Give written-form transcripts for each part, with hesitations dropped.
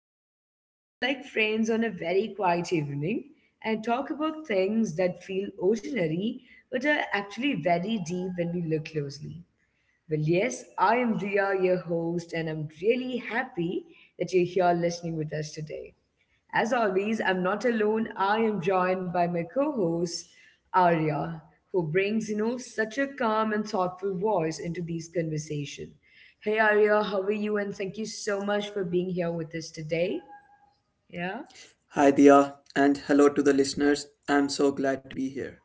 together, you know, like friends on a very quiet evening and talk about things that feel ordinary but are actually very deep when we look closely. Well, yes, I am Dia, your host, and I'm really happy that you're here listening with us today. As always, I'm not alone. I am joined by my co-host, Arya, who brings, you know, such a calm and thoughtful voice into these conversation. Hey Arya, how are you? And thank you so much for being here with us today. Yeah. Hi, Dia, and hello to the listeners. I'm so glad to be here.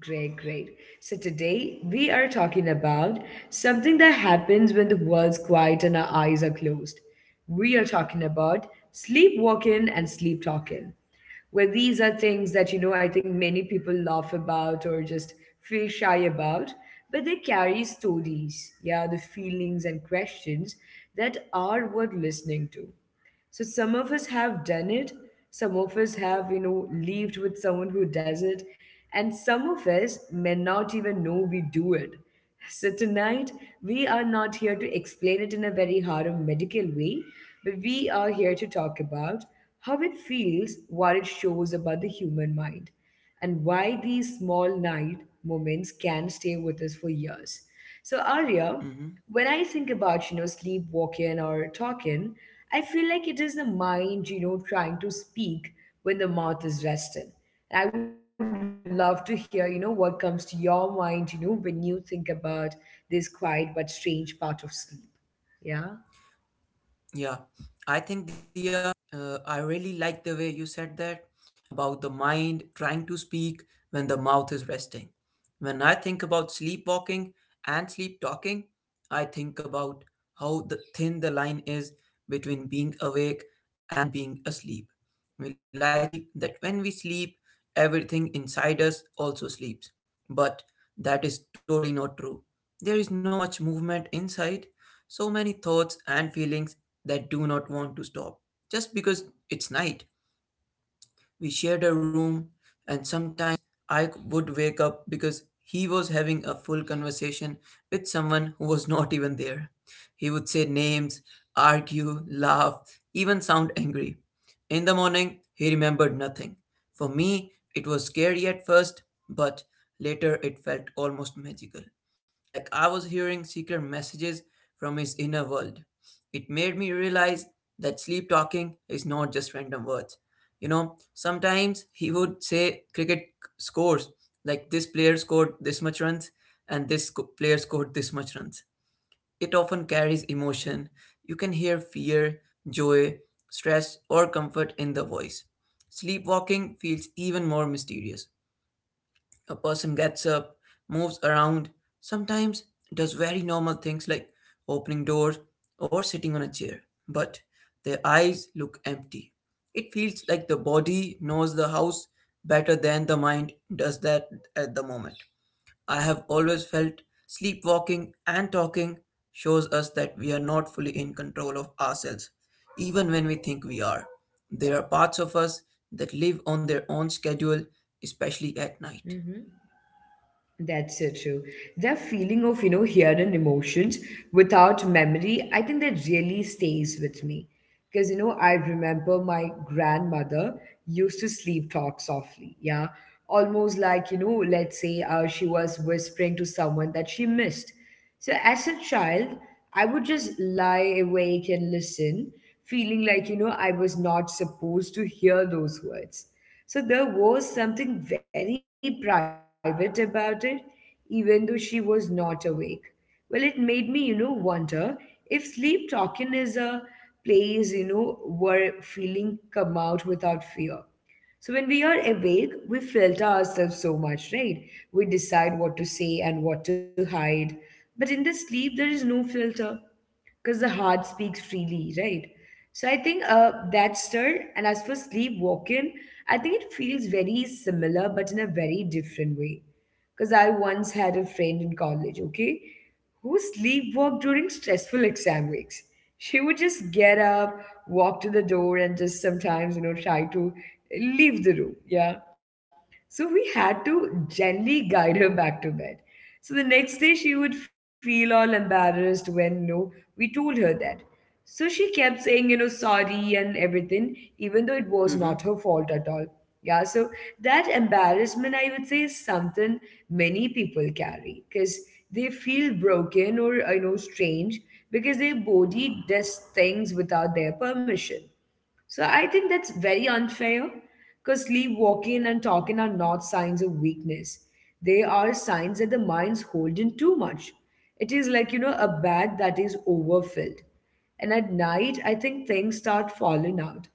Great, great. So today we are talking about something that happens when the world's quiet and our eyes are closed. We are talking about sleepwalking and sleep talking. Well, these are things that, you know, I think many people laugh about or just feel shy about, but they carry stories, yeah, the feelings and questions that are worth listening to. So some of us have done it, some of us have, you know, lived with someone who does it, and some of us may not even know we do it. So tonight, we are not here to explain it in a very hard or medical way, but we are here to talk about how it feels, what it shows about the human mind and why these small night moments can stay with us for years. So Arya, Mhm. when I think about, you know, sleepwalking or talking, I feel like it is the mind, you know, trying to speak when the mouth is resting. I would love to hear, you know, what comes to your mind, you know, when you think about this quiet but strange part of sleep. Yeah. Yeah, I think Dia, I really like the way you said that about the mind trying to speak when the mouth is resting. When I think about sleepwalking and sleep talking, I think about how the thin the line is between being awake and being asleep. We like to believe that when we sleep, everything inside us also sleeps. But that is totally not true. There is no much movement inside, so many thoughts and feelings that do not want to stop just because it's night. We shared a room, and sometimes I would wake up because he was having a full conversation with someone who was not even there. He would say names, argue, laugh, even sound angry. In the morning, he remembered nothing. For me, it was scary at first, but later it felt almost magical. Like I was hearing secret messages from his inner world. It made me realize that sleep talking is not just random words, you know, sometimes he would say cricket scores, like this player scored this much runs and this player scored this much runs. It often carries emotion. You can hear fear, joy, stress, or comfort in the voice. Sleepwalking feels even more mysterious. A person gets up, moves around, sometimes does very normal things like opening doors or sitting on a chair, but their eyes look empty. It feels like the body knows the house better than the mind does that at the moment. I have always felt sleepwalking and talking shows us that we are not fully in control of ourselves, even when we think we are. There are parts of us that live on their own schedule, especially at night. Mm-hmm. That's so true. That feeling of, you know, hearing emotions without memory, I think that really stays with me. Because, you know, I remember my grandmother used to sleep talk softly. Yeah. Almost like, you know, let's say she was whispering to someone that she missed. So as a child, I would just lie awake and listen, feeling like, you know, I was not supposed to hear those words. So there was something very private about it, even though she was not awake. Well, it made me, you know, wonder if sleep talking is a place, you know, where feeling come out without fear. So when we are awake, we filter ourselves so much, right? We decide what to say and what to hide. But in the sleep, there is no filter because the heart speaks freely, right? So I think that's still. And as for sleep walking, I think it feels very similar, but in a very different way. Because I once had a friend in college, okay, who sleepwalked during stressful exam weeks. She would just get up, walk to the door, and just sometimes, you know, try to leave the room. Yeah. So we had to gently guide her back to bed. So the next day she would feel all embarrassed when no, we told her that. So she kept saying, you know, sorry and everything, even though it was not her fault at all. Yeah, so that embarrassment, I would say, is something many people carry because they feel broken or, you know, strange because their body does things without their permission. So I think that's very unfair because sleep walking and talking are not signs of weakness. They are signs that the mind's holding too much. It is like, you know, a bag that is overfilled. And at night, I think things start falling out.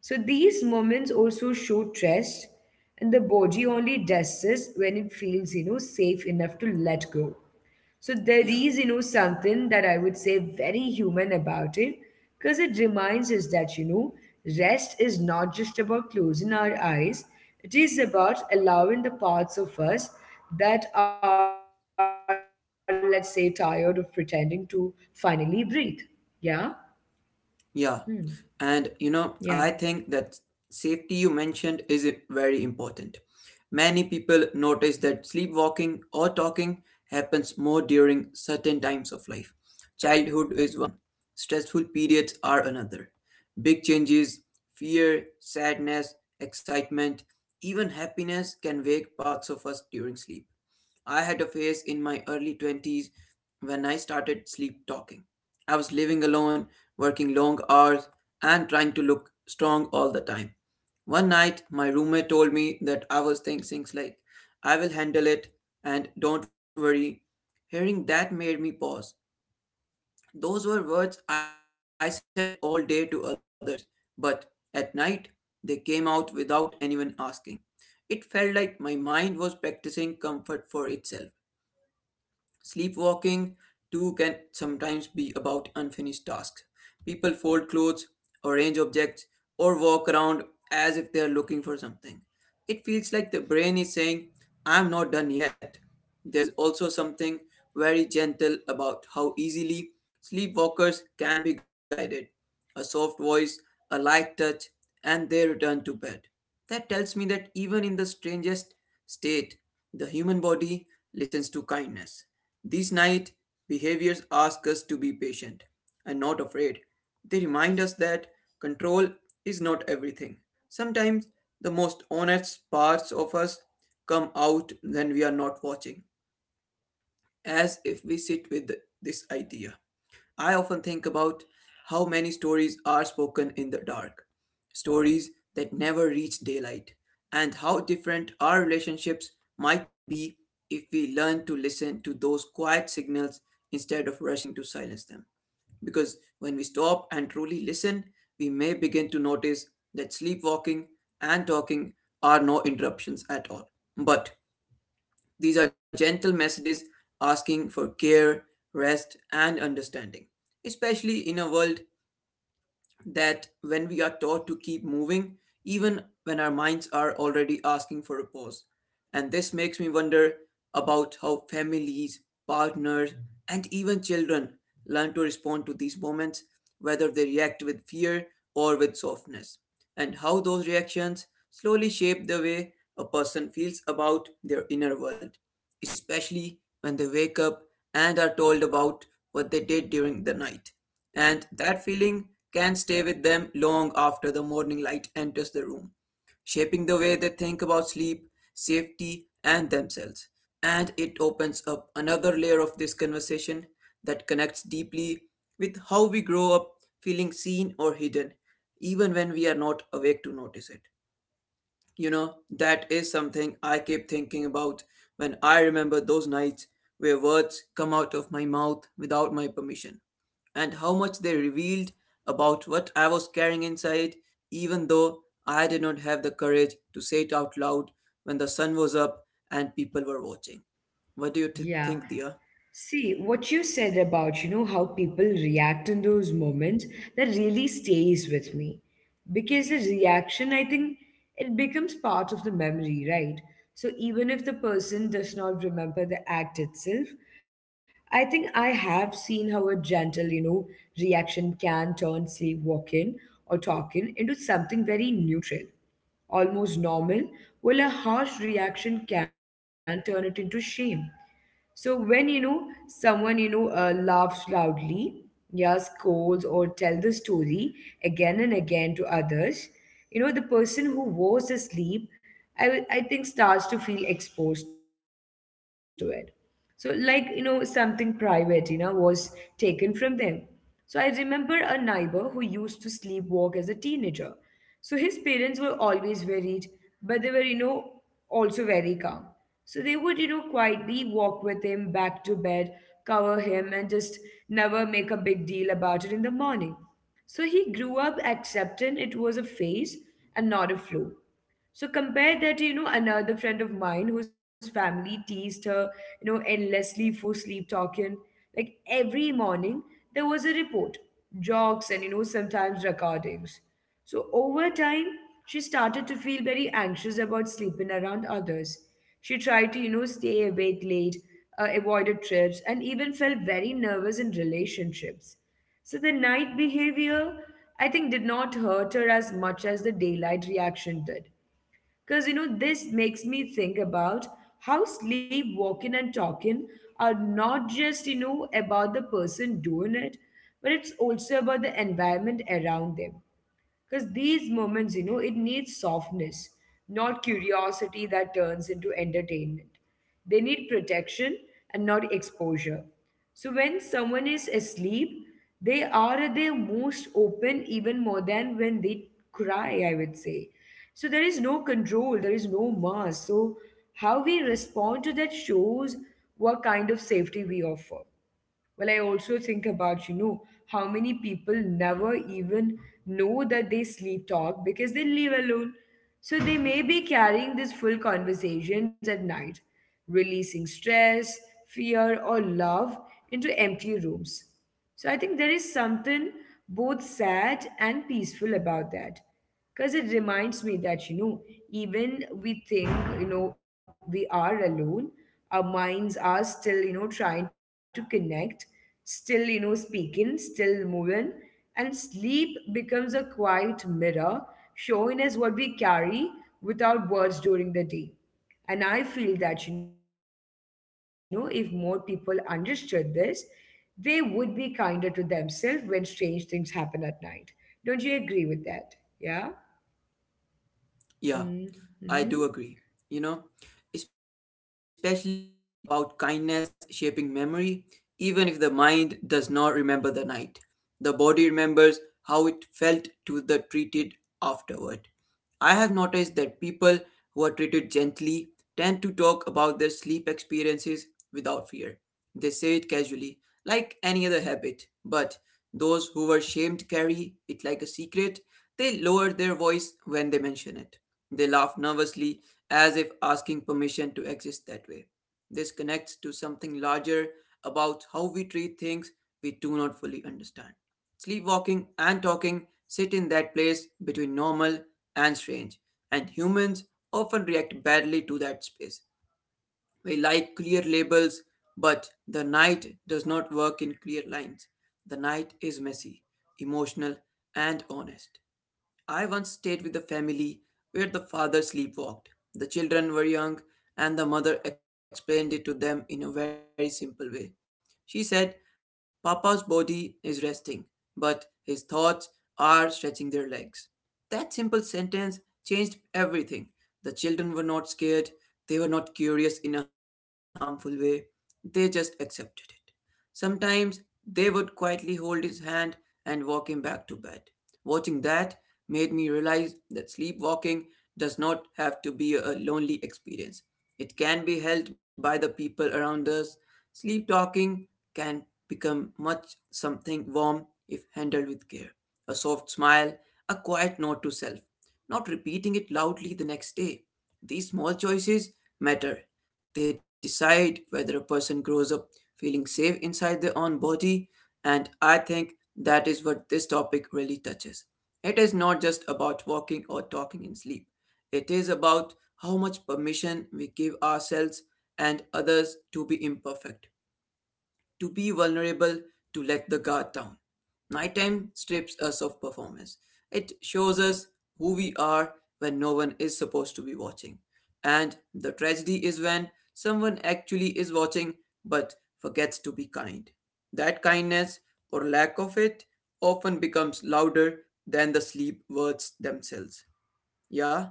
So these moments also show trust, and the body only does this when it feels, you know, safe enough to let go. So there Yeah, is, you know, something that I would say very human about it, because it reminds us that, you know, rest is not just about closing our eyes, it is about allowing the parts of us that are, let's say, tired of pretending to finally breathe. Yeah? Hmm. yeah. Yeah. And you know, I think that safety you mentioned is very important. Many people notice that sleepwalking or talking happens more during certain times of life. Childhood is one, stressful periods are another. Big changes, fear, sadness, excitement, even happiness can wake parts of us during sleep. I had a phase in my early 20s when I started sleep talking. I was living alone, working long hours, and trying to look strong all the time. One night, my roommate told me that I was saying things like, "I will handle it" and "Don't worry." Hearing that made me pause. Those were words I said all day to others, but at night, they came out without anyone asking. It felt like my mind was practicing comfort for itself. Sleepwalking, too, can sometimes be about unfinished tasks. People fold clothes, arrange objects, or walk around as if they are looking for something. It feels like the brain is saying, "I'm not done yet." There is also something very gentle about how easily sleepwalkers can be guided. A soft voice, a light touch, and they return to bed. That tells me that even in the strangest state, the human body listens to kindness. These night behaviors ask us to be patient and not afraid. They remind us that control is not everything. Sometimes the most honest parts of us come out when we are not watching, as if we sit with this idea. I often think about how many stories are spoken in the dark, stories that never reach daylight, and how different our relationships might be if we learn to listen to those quiet signals instead of rushing to silence them. Because when we stop and truly listen, we may begin to notice that sleepwalking and talking are no interruptions at all, but these are gentle messages asking for care, rest, and understanding, especially in a world that when we are taught to keep moving, even when our minds are already asking for a pause. And this makes me wonder about how families, partners, and even children learn to respond to these moments, whether they react with fear or with softness, and how those reactions slowly shape the way a person feels about their inner world especially when they wake up and are told about what they did during the night. And that feeling can stay with them long after the morning light enters the room, shaping the way they think about sleep, safety, and themselves. And it opens up another layer of this conversation that connects deeply with how we grow up feeling seen or hidden, even when we are not awake to notice it. You know, that is something I keep thinking about when I remember those nights where words come out of my mouth without my permission, and how much they revealed about what I was carrying inside, even though I did not have the courage to say it out loud when the sun was up and people were watching. What do Yeah. you think, Dia? See, what you said about, you know, how people react in those moments, that really stays with me. Because the reaction, I think, it becomes part of the memory, right? So even if the person does not remember the act itself, I think I have seen how a gentle, you know, reaction can turn, say, walk in or talk in into something very neutral almost normal, well, a harsh reaction can turn it into shame. So when you know someone you know laughs loudly, yeah, scolds or tell the story again and again to others, you know the person who was asleep, I think starts to feel exposed to it. So like you know something private, you know, was taken from them. So I remember a neighbor who used to sleepwalk as a teenager. So his parents were always worried, but they were, you know, also very calm. So they would, you know, quietly walk with him back to bed, cover him, and just never make a big deal about it in the morning. So he grew up accepting it was a phase and not a flu. So compare that to, you know, another friend of mine whose family teased her, you know, endlessly for sleep talking. Like every morning, there was a report, jokes, and, you know, sometimes recordings. So over time, she started to feel very anxious about sleeping around others. She tried to, you know, stay awake late, avoided trips, and even felt very nervous in relationships. So the night behavior, I think, did not hurt her as much as the daylight reaction did. Because, you know, this makes me think about how sleepwalking and talking are not just, you know, about the person doing it, but it's also about the environment around them. Because these moments, you know, it needs softness, not curiosity that turns into entertainment. They need protection and not exposure. So when someone is asleep, they are at their most open even more than when they cry, I would say. So there is no control, there is no mask. So how we respond to that shows what kind of safety we offer. Well, I also think about, you know, how many people never even know that they sleep talk because they live alone. So they may be carrying these full conversations at night, releasing stress, fear, or love into empty rooms. So I think there is something both sad and peaceful about that because it reminds me that, you know, even we think, you know, we are alone, our minds are still, you know, trying to connect, still, you know, speaking, still moving, and sleep becomes a quiet mirror showing us what we carry without words during the day. And I feel that, you know, if more people understood this, they would be kinder to themselves when strange things happen at night. Don't you agree with that? Yeah. Yeah, Mm-hmm. I do agree. You know, especially about kindness shaping memory, even if the mind does not remember the night, the body remembers how it felt to the treated afterward. I have noticed that people who are treated gently tend to talk about their sleep experiences without fear they say it casually, like any other habit, but those who were shamed carry it like a secret. They lower their voice when they mention it. They laugh nervously as if asking permission to exist that way. This connects to something larger about how we treat things we do not fully understand. Sleepwalking and talking sit in that place between normal and strange, and humans often react badly to that space. We like clear labels, but the night does not work in clear lines. The night is messy, emotional, and honest. I once stayed with a family where the father sleepwalked. The children were young, and the mother explained it to them in a very simple way. She said, "Papa's body is resting, but his thoughts are stretching their legs." That simple sentence changed everything. The children were not scared, they were not curious in a harmful way, they just accepted it. Sometimes they would quietly hold his hand and walk him back to bed. Watching that made me realize that sleepwalking does not have to be a lonely experience. It can be held by the people around us. Sleep talking can become much something warm if handled with care. A soft smile, a quiet note to self, not repeating it loudly the next day. These small choices matter. They decide whether a person grows up feeling safe inside their own body, and I think that is what this topic really touches. It is not just about walking or talking in sleep. It is about how much permission we give ourselves and others to be imperfect, to be vulnerable, to let the guard down. Nighttime strips us of performance. It shows us who we are when no one is supposed to be watching. And the tragedy is when someone actually is watching but forgets to be kind. That kindness or lack of it often becomes louder than the sleep words themselves. Yeah?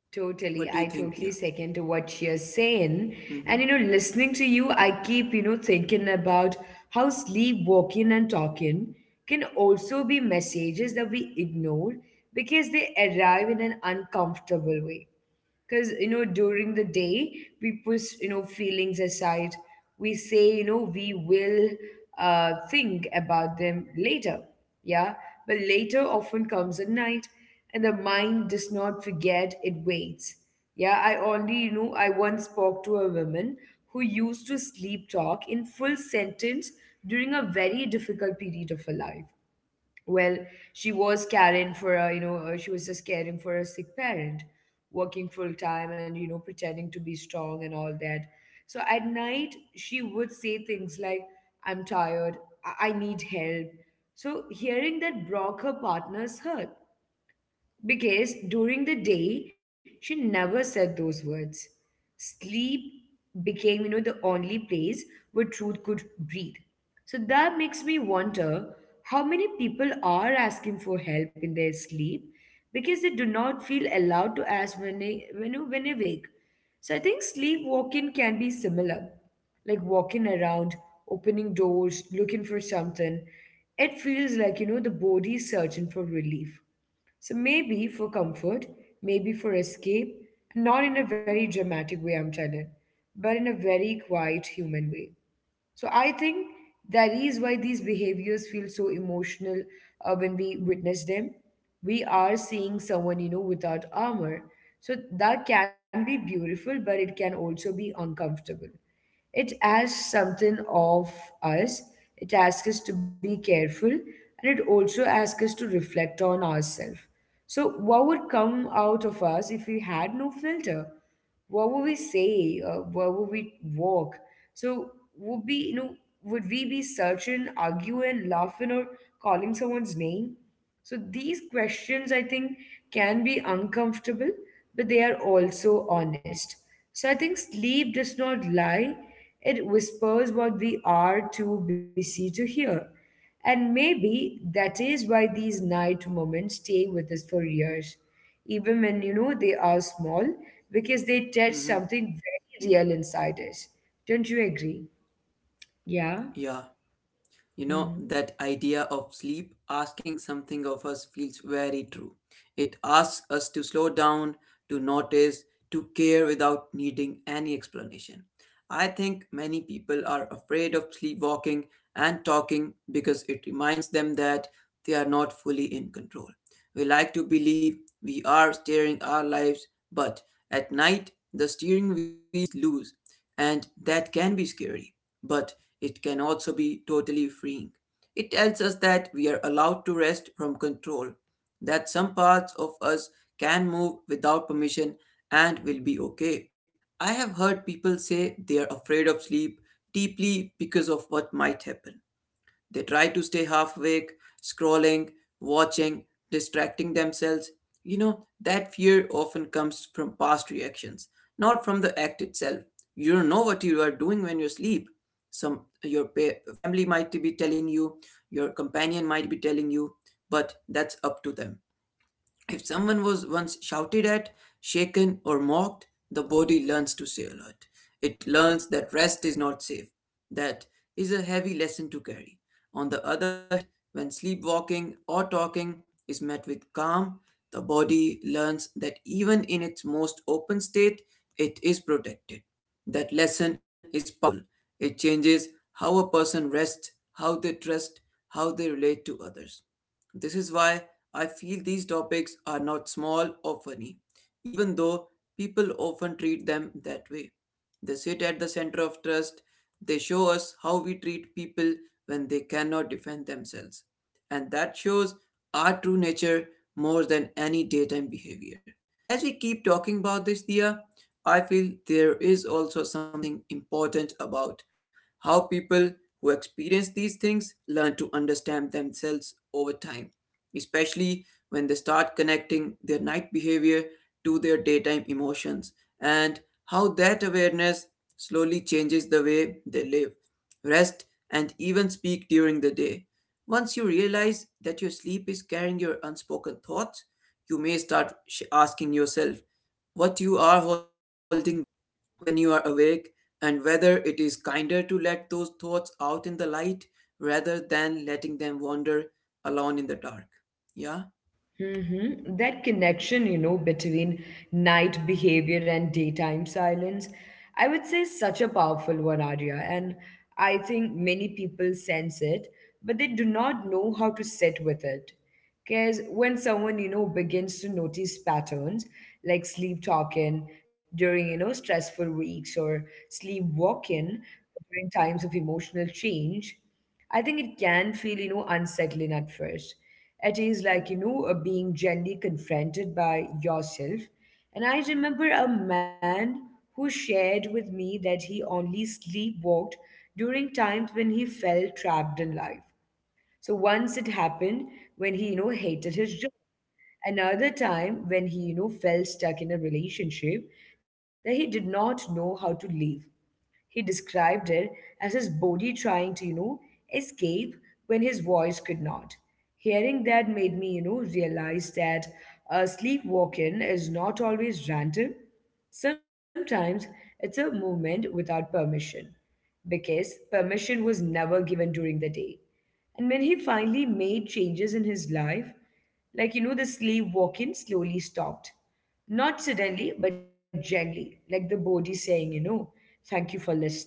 Totally. I What do you totally think, Dia? second to what you're saying. And you know, Mm-hmm. listening to you, I keep, you know, thinking about how sleepwalking and talking can also be messages that we ignore because they arrive in an uncomfortable way. Because you know during the day we push, you know, feelings aside, we say, you know, we will think about them later, yeah, but later often comes at night, and the mind does not forget, it waits. Yeah. I only you know I once spoke to a woman who used to sleep talk in full sentence during a very difficult period of her life. Well, she was caring for a, you know, she was just caring for a sick parent, working full time and, you know, pretending to be strong and all that. So at night, she would say things like, I'm tired, I need help. So hearing that broke her partner's heart. Because during the day, she never said those words. Sleep became, you know, the only place where truth could breathe. So that makes me wonder how many people are asking for help in their sleep because they do not feel allowed to ask when when they wake. So I think sleepwalking can be similar, like walking around, opening doors, looking for something. It feels like, you know, the body is searching for relief. So maybe for comfort, maybe for escape, not in a very dramatic way, I'm telling, but in a very quiet human way. So I think that is why these behaviors feel so emotional when we witness them. We are seeing someone, you know, without armor. So that can be beautiful, but it can also be uncomfortable. It asks something of us, it asks us to be careful, and it also asks us to reflect on ourselves. So, what would come out of us if we had no filter? What would we say? Where would we walk? So, would be you know, would we be searching, arguing, laughing, or calling someone's name? So, these questions I think, can be uncomfortable, but they are also honest. So, I think sleep does not lie; it whispers what we are too busy to hear. And maybe that is why these night moments stay with us for years, even when they are small, because they touch Mm-hmm. something very real inside us. Don't you agree? Yeah. Yeah. You know, Hmm. that idea of sleep asking something of us feels very true. It asks us to slow down, to notice, to care without needing any explanation. I think many people are afraid of sleepwalking and talking because it reminds them that they are not fully in control. We like to believe we are steering our lives, but at night the steering wheel is loose, and that can be scary, but it can also be totally freeing. It tells us that we are allowed to rest from control, that some parts of us can move without permission and will be okay. I have heard people say they are afraid of sleep deeply because of what might happen. They try to stay half awake, scrolling, watching, distracting themselves. You know, that fear often comes from past reactions, not from the act itself. You don't know what you are doing when you sleep. Some your family might be telling you, your companion might be telling you, but that's up to them. If someone was once shouted at, shaken, or mocked, the body learns to stay alert. It learns that rest is not safe. That is a heavy lesson to carry. On the other hand, when sleepwalking or talking is met with calm, the body learns that even in its most open state, it is protected. That lesson is powerful. It changes how a person rests, how they trust, how they relate to others. This is why I feel these topics are not small or funny, even though people often treat them that way. They sit at the center of trust, they show us how we treat people when they cannot defend themselves and that shows our true nature more than any daytime behavior. As we keep talking about this, Dia, I feel there is also something important about how people who experience these things learn to understand themselves over time, especially when they start connecting their night behavior to their daytime emotions and how that awareness slowly changes the way they live rest, and even speak during the day. Once you realize that your sleep is carrying your unspoken thoughts, you may start asking yourself what you are holding back when you are awake and whether it is kinder to let those thoughts out in the light rather than letting them wander alone in the dark. Yeah? Mm-hmm. That connection, you know, between night behavior and daytime silence, I would say is such a powerful one, Arya. And I think many people sense it, but they do not know how to sit with it. Because when someone, you know, begins to notice patterns like sleep talking during, you know, stressful weeks, or sleep walking during times of emotional change, I think it can feel, you know, unsettling at first. It is like, being gently confronted by yourself. And I remember a man who shared with me that he only sleepwalked during times when he felt trapped in life. So once it happened when he, you know, hated his job. Another time when he, you know, felt stuck in a relationship that he did not know how to leave. He described it as his body trying to, you know, escape when his voice could not. Hearing that made me, you know, realize that sleepwalking is not always random. Sometimes it's a movement without permission, because permission was never given during the day. And when he finally made changes in his life, like, you know, the slave walk in slowly stopped. Not suddenly, but gently, like the body saying, you know, thank you for listening.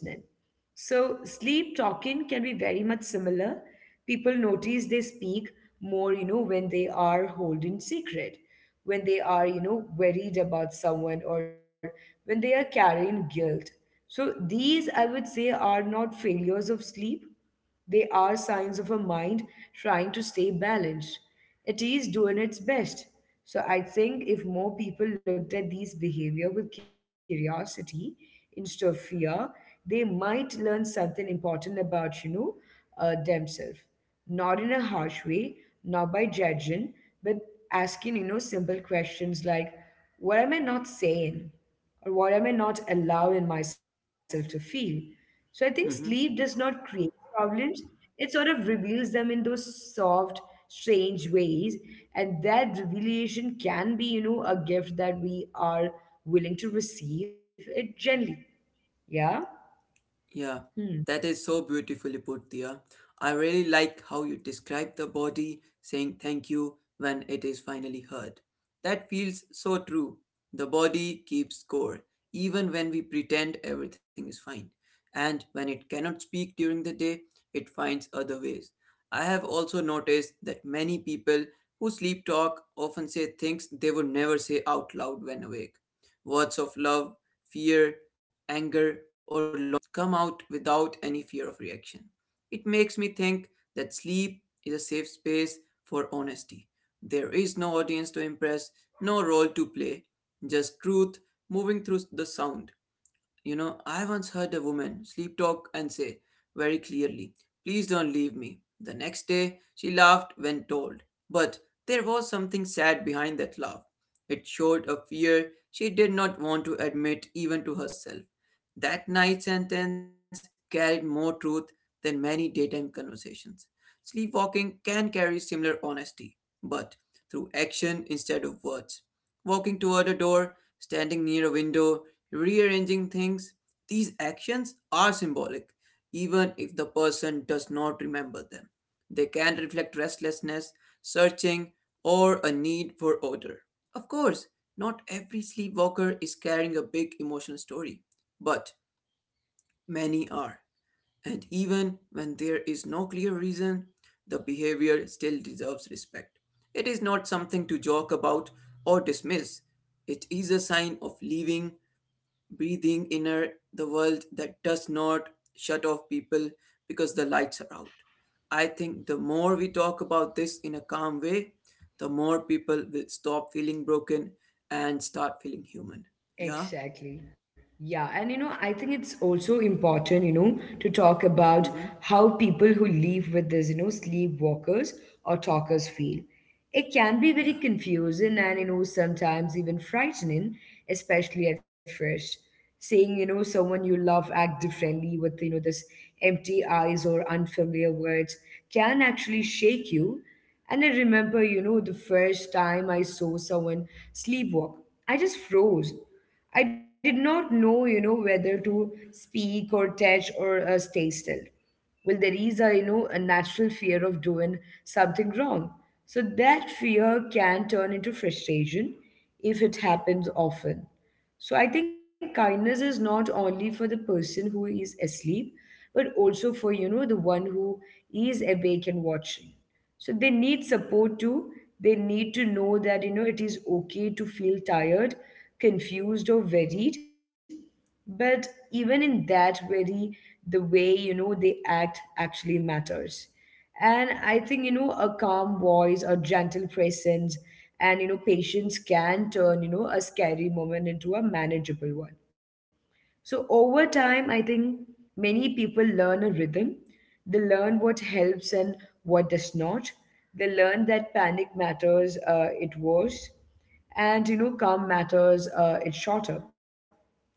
So, sleep talking can be very much similar. People notice they speak more, you know, when they are holding secret, when they are, you know, worried about someone, or when they are carrying guilt. So, these I would say are not failures of sleep, they are signs of a mind trying to stay balanced. It is doing its best. So I think if more people looked at these behavior with curiosity instead of fear, they might learn something important about, themselves. Not in a harsh way, not by judging, but asking, you know, simple questions like, what am I not saying? Or what am I not allowing myself to feel? So I think sleep does Mhm. not create problems, it sort of reveals them in those soft, strange ways. And that revelation can be, you know, a gift that we are willing to receive it gently. Yeah? Yeah, Hmm. that is so beautifully put, Dia. I really like how you describe the body saying thank you when it is finally heard. That feels so true. The body keeps score, even when we pretend everything is fine. And when it cannot speak during the day, it finds other ways. I have also noticed that many people who sleep talk often say things they would never say out loud when awake. Words of love, fear, anger, or longing come out without any fear of reaction. It makes me think that sleep is a safe space for honesty. There is no audience to impress, no role to play, just truth moving through the sound. You know, I once heard a woman sleep talk and say very clearly, please don't leave me. The next day, she laughed when told. But there was something sad behind that laugh. It showed a fear she did not want to admit even to herself. That night sentence carried more truth than many daytime conversations. Sleepwalking can carry similar honesty, but through action instead of words, walking toward a door, standing near a window, rearranging things. These actions are symbolic, even if the person does not remember them. They can reflect restlessness, searching, or a need for order. Of course, not every sleepwalker is carrying a big emotional story, but many are. And even when there is no clear reason, the behavior still deserves respect. It is not something to joke about or dismiss. It is a sign of living, breathing inner the world that does not shut off people because the lights are out. I think the more we talk about this in a calm way, the more people will stop feeling broken and start feeling human. Yeah? Exactly. Yeah. And you know, I think it's also important, you know, to talk about Mm-hmm. how people who live with this, you know, sleepwalkers or talkers feel. It can be Yeah. very confusing and, you know, sometimes even frightening, especially at first. Seeing, you know, someone you love act differently with, you know, this empty eyes or unfamiliar words can actually shake you. And I remember, you know, the first time I saw someone sleepwalk, I just froze. I did not know, you know, whether to speak or touch or stay still. Well, there is a, you know, a natural fear of doing something wrong. So that fear can turn into frustration if it happens often. So I think kindness is not only for the person who is asleep, but also for, you know, the one who is awake and watching. So they need support too. They need to know that, you know, it is okay to feel tired, confused, or worried. But even in that worry, the way, you know, they act actually matters. And I think, you know, a calm voice, a gentle presence, and, you know, patience can turn, you know, a scary moment into a manageable one. So over time, I think many people learn a rhythm. They learn what helps and what does not. They learn that panic matters, it worse, and you know, calm matters, it's shorter.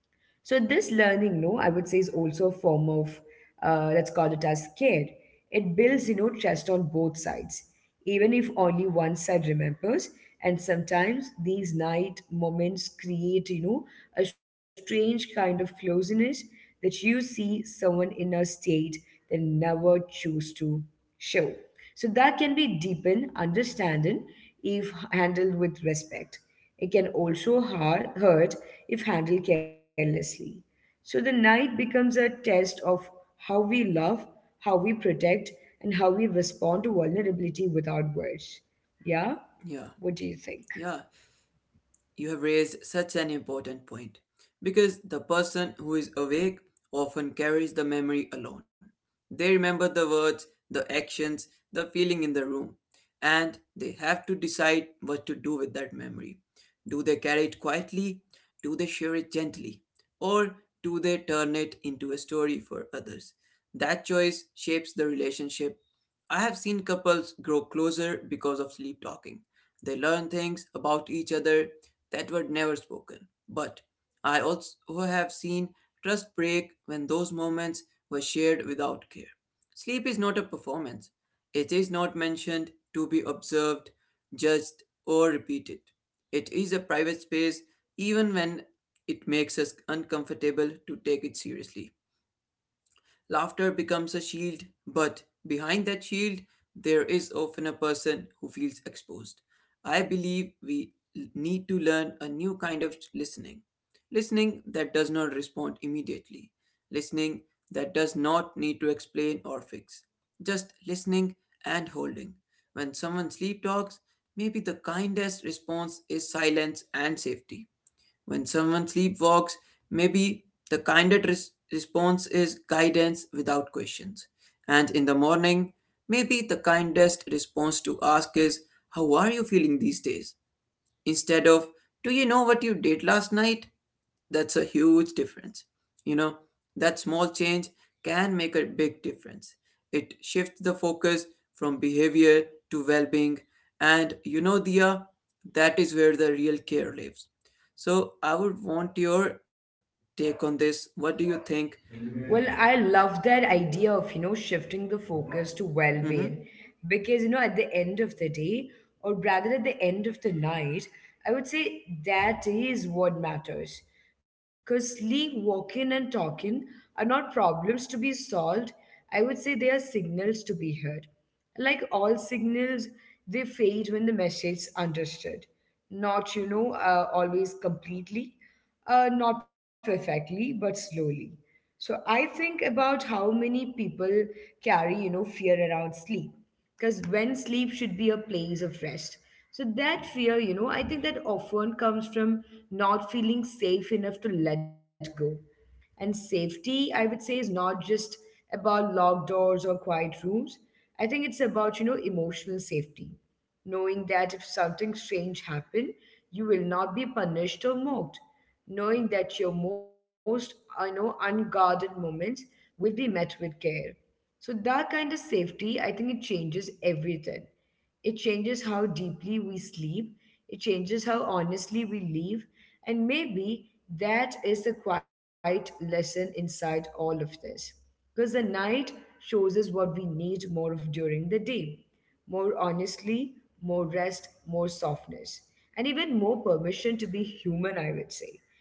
So this learning, no, I would say is also a form of, let's call it as care. It builds, you know, trust on both sides, even if only one side remembers. And sometimes these night moments create, you know, a strange kind of closeness that you see someone in a state they never choose to show. So that can be deepened understanding if handled with respect. It can also hurt if handled carelessly. So the night becomes a test of how we love, how we protect, and how we respond to vulnerability without words. Yeah? Yeah. What do you think? Yeah, you have raised such an important point because the person who is awake often carries the memory alone. They remember the words, the actions, the feeling in the room, and they have to decide what to do with that memory. Do they carry it quietly? Do they share it gently? Or do they turn it into a story for others? That choice shapes the relationship. I have seen couples grow closer because of sleep talking. They learn things about each other that were never spoken. But I also have seen trust break when those moments were shared without care. Sleep is not a performance. It is not mentioned to be observed, judged, or repeated. It is a private space, even when it makes us uncomfortable to take it seriously. Laughter becomes a shield, but behind that shield, there is often a person who feels exposed. I believe we need to learn a new kind of listening. Listening that does not respond immediately. Listening that does not need to explain or fix. Just listening and holding. When someone sleep talks, maybe the kindest response is silence and safety. When someone sleepwalks, maybe the kindest response is guidance without questions. And in the morning, maybe the kindest response to ask is, how are you feeling these days? Instead of, do you know what you did last night? That's a huge difference. You know, that small change can make a big difference. It shifts the focus from behavior to well being. And you know, Dia, that is where the real care lives. So I would want your take on this. What do you think? Well, I love that idea of, you know, shifting the focus to well Mm-hmm. being because, you know, at the end of the day, or rather at the end of the night, I would say that is what matters. Because sleep, walking, and talking are not problems to be solved. I would say they are signals to be heard. Like all signals, they fade when the message is understood. Not always completely. Not perfectly, but slowly. So I think about how many people carry, you know, fear around sleep. Because when sleep should be a place of rest. So that fear, you know, I think that often comes from not feeling safe enough to let go. And safety, I would say, is not just about locked doors or quiet rooms. I think it's about, you know, emotional safety. Knowing that if something strange happened, you will not be punished or mocked. Knowing that your most, you know, unguarded moments will be met with care. So that kind of safety, I think it changes everything. It changes how deeply we sleep, it changes how honestly we live, and maybe that is the quiet lesson inside all of this. Because the night shows us what we need more of during the day, more honestly, more rest, more softness, and even more permission to be human, I would say.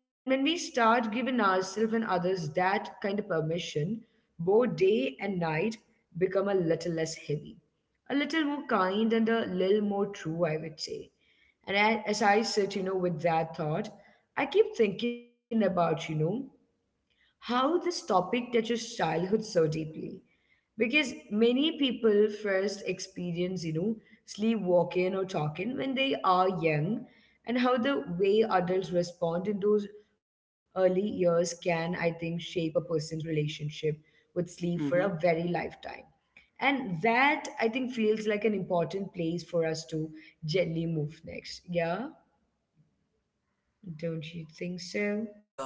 And when we start giving ourselves and others that kind of permission, both day and night become a little less heavy, a little more kind, and a little more true, I would say. And I, as I sit, you know, with that thought, I keep thinking about, you know, how this topic touches childhood so deeply, because many people first experience, you know, sleepwalking or talking when they are young, and how the way adults respond in those early years can, I think, shape a person's relationship with sleep for a very Mm-hmm. lifetime. And that, I think, feels like an important place for us to gently move next. Yeah? Don't you think so? Yeah,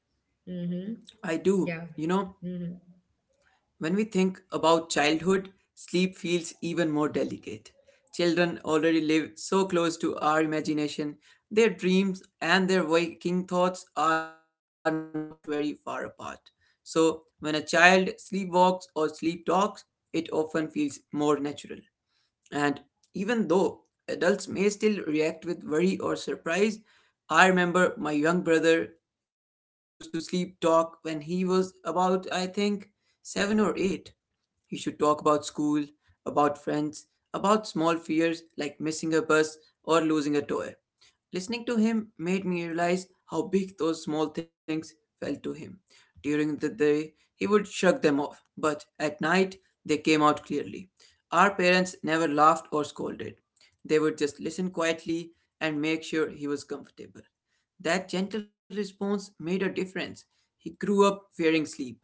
Mm-hmm. I do. Yeah. You know, Mm-hmm. when we think about childhood, sleep feels even more delicate. Children already live so close to our imagination, their dreams and their waking thoughts are not very far apart. So when a child sleepwalks or sleep talks, it often feels more natural. And even though adults may still react with worry or surprise, I remember my young brother used to sleep talk when he was about, I think, seven or eight. You should talk about school, about friends, about small fears like missing a bus or losing a toy. Listening to him made me realize how big those small things felt to him. During the day, he would shrug them off, but at night, they came out clearly. Our parents never laughed or scolded. They would just listen quietly and make sure he was comfortable. That gentle response made a difference. He grew up fearing sleep,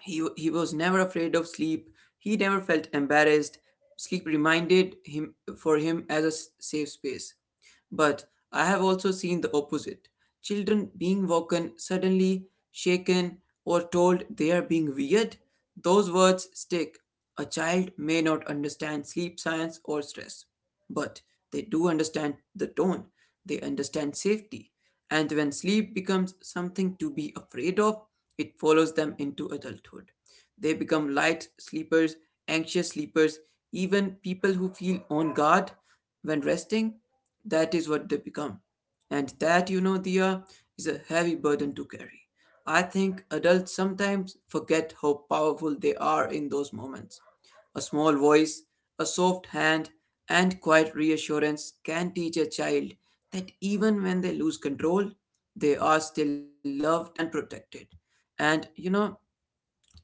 he was never afraid of sleep. He never felt embarrassed. Sleep reminded him for him as a safe space. But I have also seen the opposite, children being woken suddenly, shaken, or told they are being weird. Those words stick. A child may not understand sleep science or stress, but they do understand the tone, they understand safety. And when sleep becomes something to be afraid of, it follows them into adulthood. They become light sleepers, anxious sleepers, even people who feel on guard. When resting, that is what they become. And that, you know, Dia, is a heavy burden to carry. I think adults sometimes forget how powerful they are in those moments. A small voice, a soft hand, and quiet reassurance can teach a child that even when they lose control, they are still loved and protected. And you know,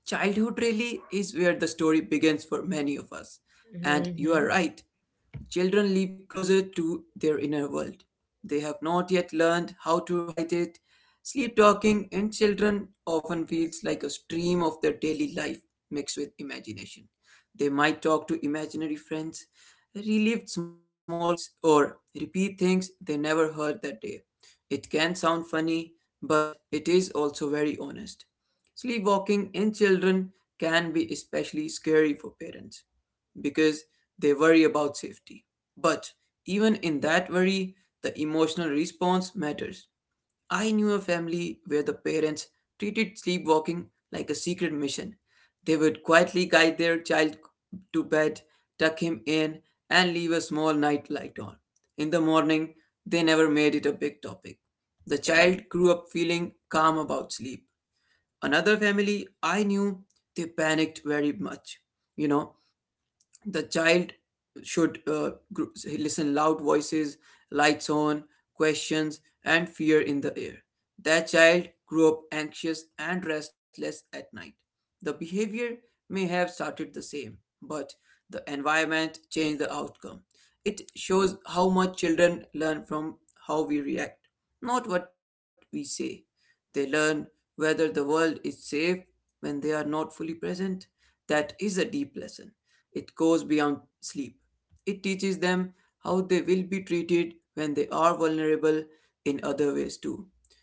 childhood really is where the story begins for many of us. And you are Mm-hmm. right, children live closer to their inner world. They have not yet learned how to hide it. Sleep talking in children often feels like a stream of their daily life mixed with imagination. They might talk to imaginary friends, relive small conflicts, or repeat things they never heard that day. It can sound funny, but it is also very honest. Sleepwalking in children can be especially scary for parents because they worry about safety. But even in that worry, the emotional response matters. I knew a family where the parents treated sleepwalking like a secret mission. They would quietly guide their child to bed, tuck him in, and leave a small night light on. In the morning, they never made it a big topic. The child grew up feeling calm about sleep. Another family I knew, they panicked very much, you know, the child should listen loud voices, lights on, questions and fear in the air. That child grew up anxious and restless at night. The behavior may have started the same, but the environment changed the outcome. It shows how much children learn from how we react, not what we say. They learn whether the world is safe when they are not fully present. That is a deep lesson. It goes beyond sleep. It teaches them how they will be treated when they are vulnerable in other ways too.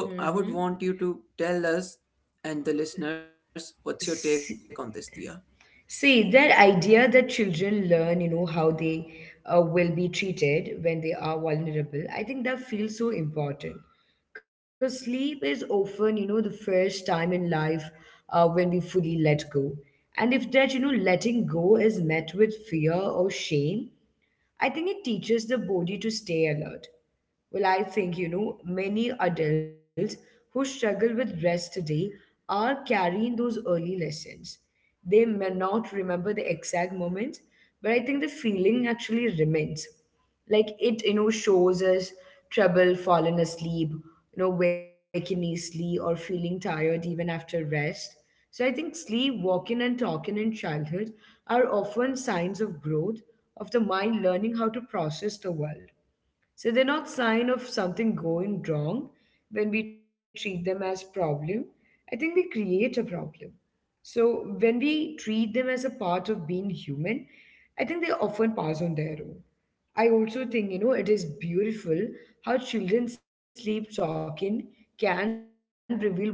So I would want you to tell us and the listeners what's your take on this, See, Dia. see, that idea that children learn, you know, how they will be treated when they are vulnerable, I think that feels so important. Because sleep is often, you know, the first time in life when we fully let go. And if that, you know, letting go is met with fear or shame, I think it teaches the body to stay alert. Well, I think, you know, many adults who struggle with rest today are carrying those early lessons. They may not remember the exact moment, but I think the feeling actually remains, like it, you know, shows us trouble falling asleep, you know, waking easily or feeling tired even after rest. So I think sleep walking and talking in childhood are often signs of growth, of the mind learning how to process the world. So they're not sign of something going wrong. When we treat them as problem, I think we create a problem. So when we treat them as a part of being human, I think they often pass on their own. I also think, you know, it is beautiful how children sleep talking can reveal what matters to them.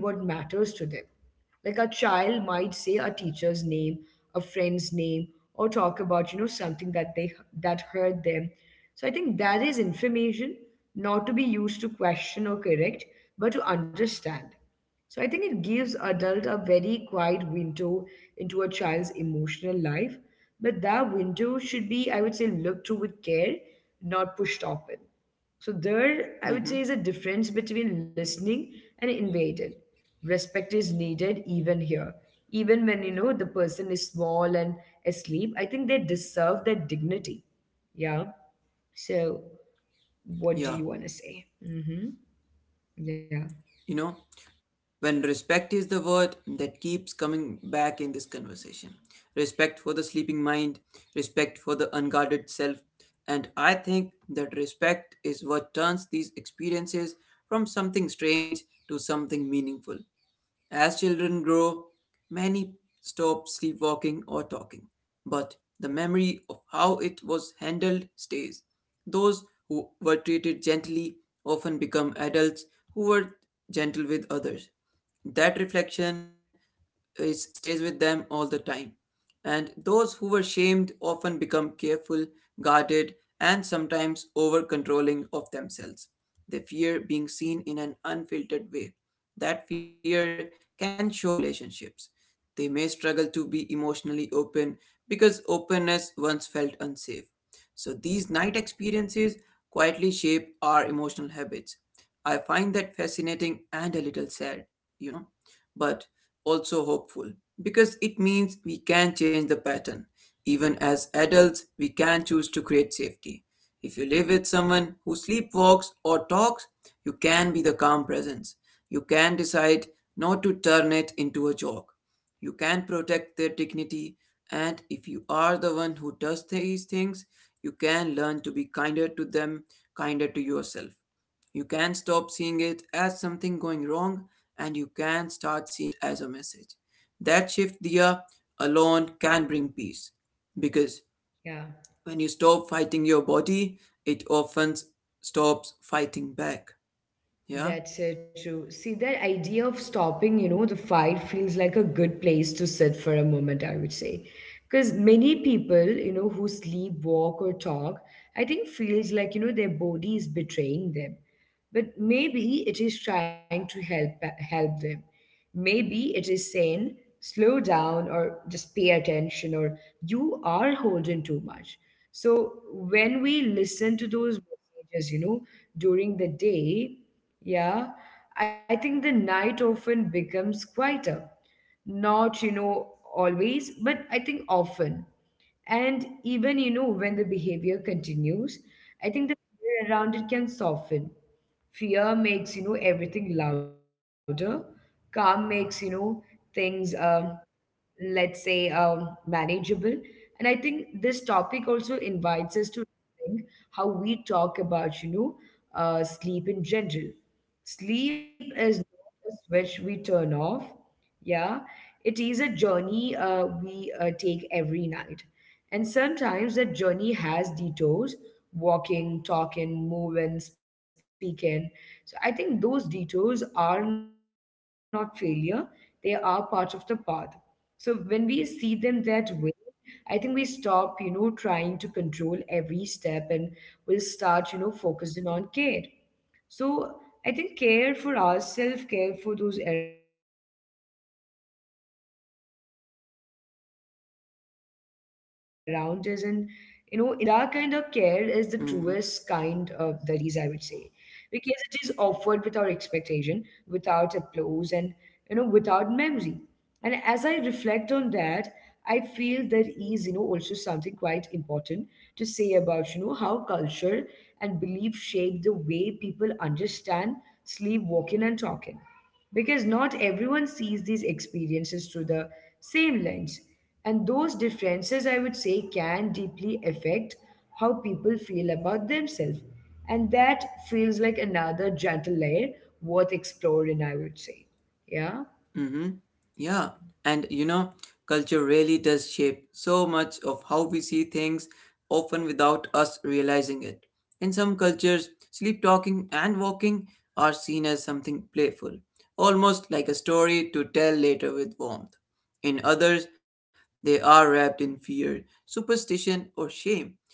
Like a child might say a teacher's name, a friend's name, or talk about, you know, something that hurt them. So I think that is information not to be used to question or correct, but to understand. So I think it gives adult a very quiet window into a child's emotional life, but that window should be, I would say, looked to with care, not pushed open. So there, I would say, is a Hmm. difference between listening and invading. Respect is needed even here. Even when you know the person is small and asleep, I think they deserve that dignity. Yeah. So, what do you want to Yeah. say? Mm-hmm. Yeah. You know, when respect is the word that keeps coming back in this conversation, respect for the sleeping mind, respect for the unguarded self. And I think that respect is what turns these experiences from something strange to something meaningful. As children grow, many stop sleepwalking or talking, but the memory of how it was handled stays. Those who were treated gently often become adults who were gentle with others. That reflection is, stays with them all the time, and those who were shamed often become careful, guarded, and sometimes over controlling of themselves. They fear being seen in an unfiltered way. That fear can show up in relationships. They may struggle to be emotionally open because openness once felt unsafe. So, these night experiences quietly shape our emotional habits. I find that fascinating and a little sad, you know. But also hopeful because it means we can change the pattern. Even as adults, we can choose to create safety. If you live with someone who sleepwalks or talks, you can be the calm presence. You can decide not to turn it into a joke. You can protect their dignity, and if you are the one who does these things, you can learn to be kinder to them, kinder to yourself. You can stop seeing it as something going wrong and you can start seeing it as a message. That shift, Dia, alone can bring peace because Yeah. when you stop fighting your body, it often stops fighting back. Yeah? That's so true. See, that idea of stopping, you know, the fight feels like a good place to sit for a moment, I would say. Because many people, you know, who sleep, walk, or talk, I think feels like, you know, their body is betraying them. But maybe it is trying to help them. Maybe it is saying, slow down or just pay attention or you are holding too much. So when we listen to those messages, during the day, yeah, I think the night often becomes quieter. Not, always, but I think often. And even, when the behavior continues, I think the fear around it can soften. Fear makes, everything louder. Calm makes, things, let's say, manageable. And I think this topic also invites us to think how we talk about, sleep in general. Sleep is not a switch we turn off. Yeah, it is a journey we take every night. And sometimes that journey has detours: walking, talking, moving, speaking. So I think those detours are not failure, they are part of the path. So when we see them that way, I think we stop, trying to control every step, and we'll start, focusing on care. So I think care for ourselves, care for those around us, and, in the dark when no one's watching. And maybe that kind of care is the truest kind of there Hmm. is, I would say, because it is offered without expectation, without applause, and, without memory. And as I reflect on that, I feel there is, also something quite important to say about, how culture and belief shape the way people understand sleep, walking, and talking. Because not everyone sees these experiences through the same lens. And those differences, I would say, can deeply affect how people feel about themselves. And that feels like another gentle layer worth exploring, I would say. Yeah. Mm-hmm. Yeah. And you know, culture really does shape so much of how we see things, often without us realizing it. In some cultures, sleep talking and walking are seen as something playful, almost like a story to tell later with warmth. In others, they are wrapped in fear, superstition, or shame.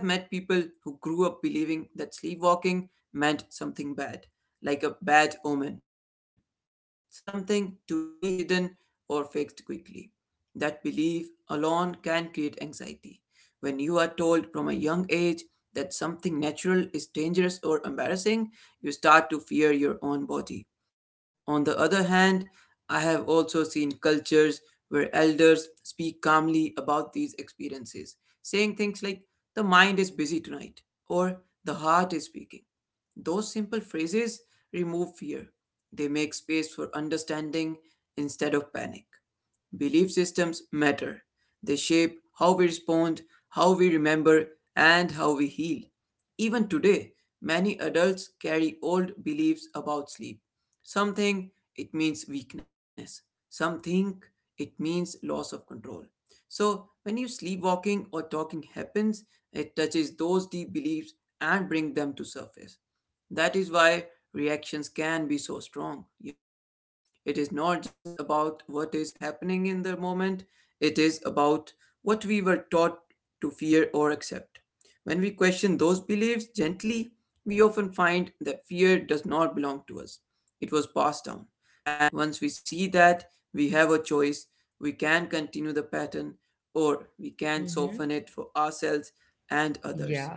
I have met people who grew up believing that sleepwalking meant something bad, like a bad omen, something to be hidden or fixed quickly. That belief alone can create anxiety. When you are told from a young age that something natural is dangerous or embarrassing, you start to fear your own body. On the other hand, I have also seen cultures where elders speak calmly about these experiences, saying things like, "The mind is busy tonight," or "The heart is speaking." Those simple phrases remove fear. They make space for understanding instead of panic. Belief systems matter. They shape how we respond, how we remember, and how we heal. Even today, many adults carry old beliefs about sleep. Some think it means weakness, some think it means loss of control. So, when you sleepwalking or talking happens, it touches those deep beliefs and bring them to surface. That is why reactions can be so strong, you know. It is not just about what is happening in the moment, it is about what we were taught to fear or accept. When we question those beliefs gently, we often find that fear does not belong to us. It was passed down. And once we see that, we have a choice. We can continue the pattern or we can Mm-hmm. soften it for ourselves and others. Yeah.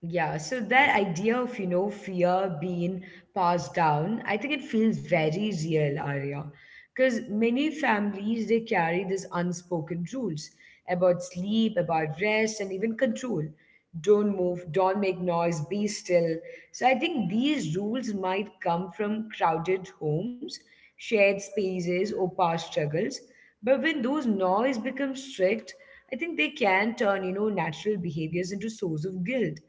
Yeah. So that Yeah, idea of, fear being passed down, I think it feels very real, Arya. Because many families they carry these unspoken rules about sleep, about rest, and even control. Don't move, don't make noise, be still. So I think these rules might come from crowded homes, shared spaces, or past struggles. But when those noise becomes strict, I think they can turn, natural behaviors into source of guilt.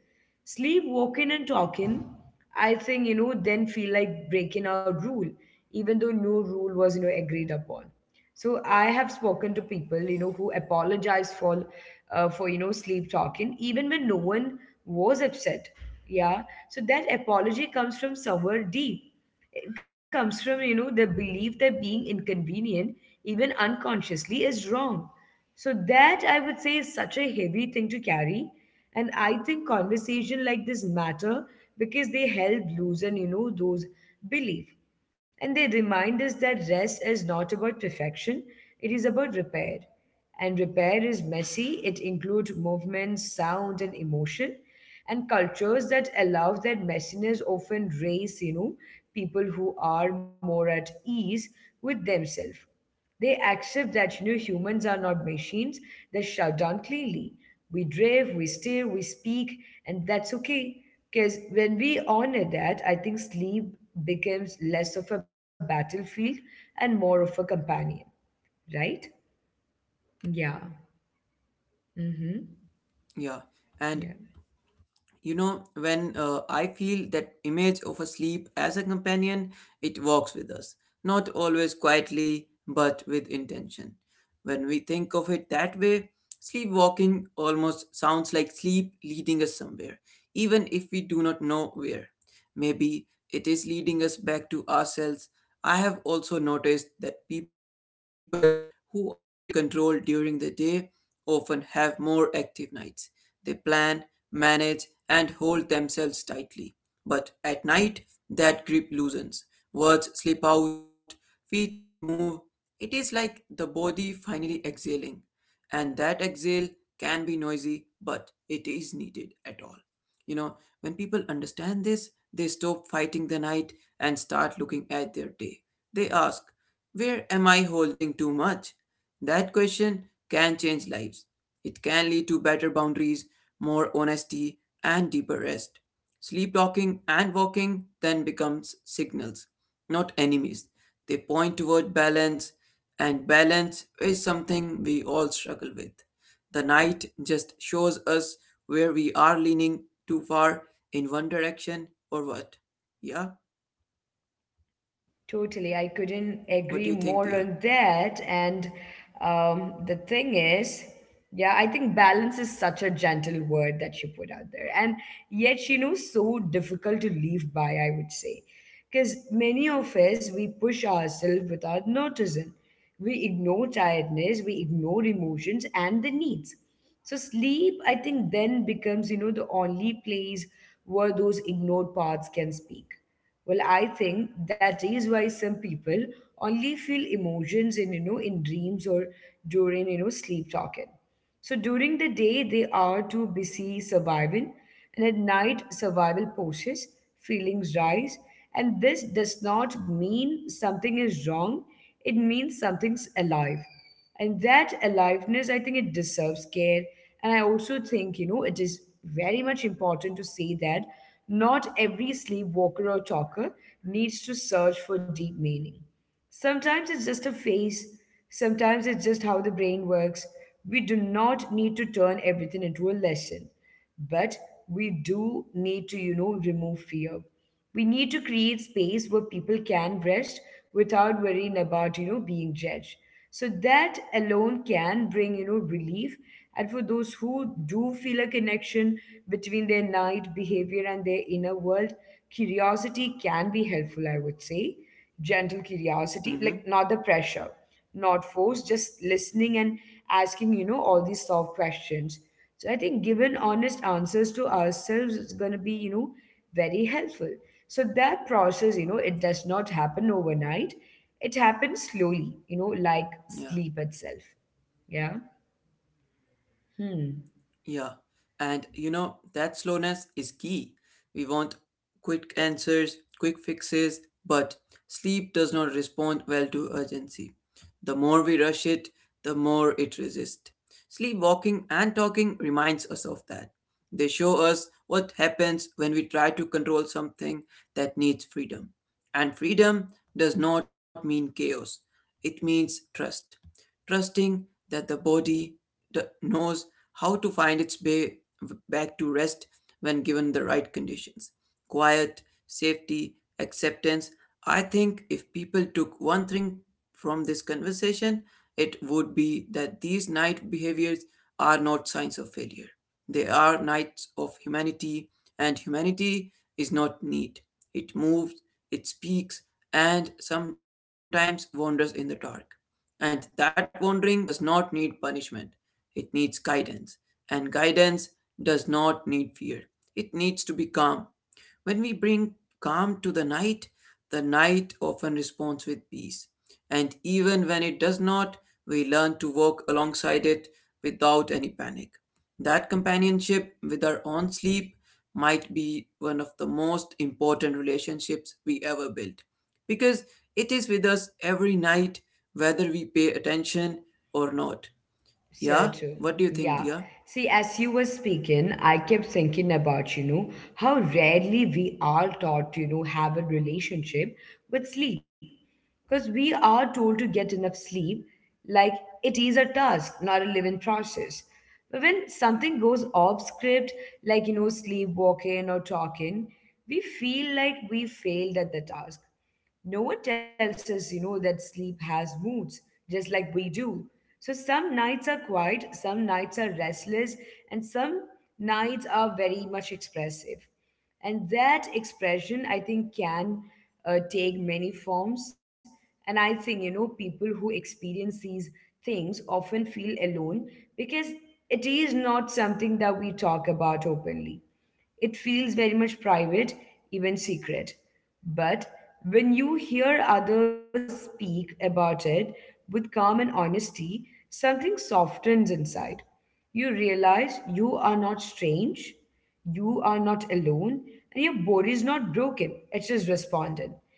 Sleep walking and talking, I think, then feel like breaking our rule, even though no rule was, agreed upon. So I have spoken to people, who apologize for sleep talking, even when no one was upset. Yeah. So that apology comes from somewhere deep. It comes from, the belief that being inconvenient, even unconsciously, is wrong. So that I would say is such a heavy thing to carry. And I think conversation like this matter because they help loosen, those belief. And they remind us that rest is not about perfection, it is about repair. And repair is messy. It includes movement, sound, and emotion. And cultures that allow that messiness often raise, people who are more at ease with themselves. They accept that you know humans are not machines that shut down cleanly. We drive, we steer, we speak, and that's okay. Because when we honor that, I think sleep becomes less of a battlefield and more of a companion, right? Yeah. yeah. And Yeah, You know, when I feel that image of a sleep as a companion, it walks with us, not always quietly, but with intention. When we think of it that way, sleepwalking almost sounds like sleep leading us somewhere, even if we do not know where. Maybe it is leading us back to ourselves. I have also noticed that people who are very controlled during the day often have more active nights. They plan, manage, and hold themselves tightly. But at night, that grip loosens. Words slip out, feet move. It is like the body finally exhaling. And that exhale can be noisy, but it is needed at all. You know, when people understand this, they stop fighting the night and start looking at their day. They ask, "Where am I holding too much?" That question can change lives. It can lead to better boundaries, more honesty, and deeper rest. Sleep talking and walking then becomes signals, not enemies. They point toward balance, and balance is something we all struggle with. The night just shows us where we are leaning too far in one direction or what. Yeah? totally. I couldn't agree What more do you on think, Dia? that. And the thing is, yeah, I think balance is such a gentle word that you put out there. And yet, so difficult to live by, I would say. Because many of us, we push ourselves without noticing. We ignore tiredness, we ignore emotions and the needs. So sleep, I think, then becomes, the only place where those ignored parts can speak. Well, I think that is why some people only feel emotions in you know in dreams or during you know sleep talking. So during the day they are too busy surviving, and at night survival pushes, feelings rise, and this does not mean something is wrong. It means something's alive, and that aliveness I think it deserves care. And I also think you know it is very much important to say that not every sleepwalker or talker needs to search for deep meaning. Sometimes it's just a face, sometimes it's just how the brain works. We do not need to turn everything into a lesson, but we do need to, remove fear. We need to create space where people can rest without worrying about, being judged. So that alone can bring, relief. And for those who do feel a connection between their night behavior and their inner world, curiosity can be helpful, I would say. Gentle curiosity, like Mm-hmm. not the pressure, not forced, just listening and asking, all these soft questions. So I think giving honest answers to ourselves is going to be, very helpful. So that process, it does not happen overnight. It happens slowly, like Yeah. sleep itself. Yeah. Hmm. Yeah, and you know, that slowness is key. We want quick answers, quick fixes, but sleep does not respond well to urgency. The more we rush it, the more it resists. Sleepwalking and talking reminds us of that. They show us what happens when we try to control something that needs freedom. And freedom does not mean chaos, it means trust. Trusting that the body knows how to find its way back to rest when given the right conditions. Quiet, safety, acceptance. I think if people took one thing from this conversation, it would be that these night behaviors are not signs of failure. They are knights of humanity, and humanity is not neat. It moves, it speaks, and sometimes wanders in the dark. And that wandering does not need punishment, it needs guidance. And guidance does not need fear, it needs to be calm. When we bring calm to the night often responds with peace. And even when it does not, we learn to walk alongside it without any panic. That companionship with our own sleep might be one of the most important relationships we ever built because it is with us every night, whether we pay attention or not. Yeah, So true. what do you think, Dia? Yeah. See, as you were speaking, I kept thinking about, how rarely we are taught to, have a relationship with sleep. Because we are told to get enough sleep, like it is a task, not a living process. But when something goes off script, like, sleepwalking or talking, we feel like we failed at the task. No one tells us, that sleep has moods, just like we do. So some nights are quiet, some nights are restless, and some nights are very much expressive. And that expression, I think, can take many forms. And I think, people who experience these things often feel alone because it is not something that we talk about openly. It feels very much private, even secret. But when you hear others speak about it with calm and honesty, something softens inside. You realize you are not strange, you are not alone, and your body is not broken, it just responded.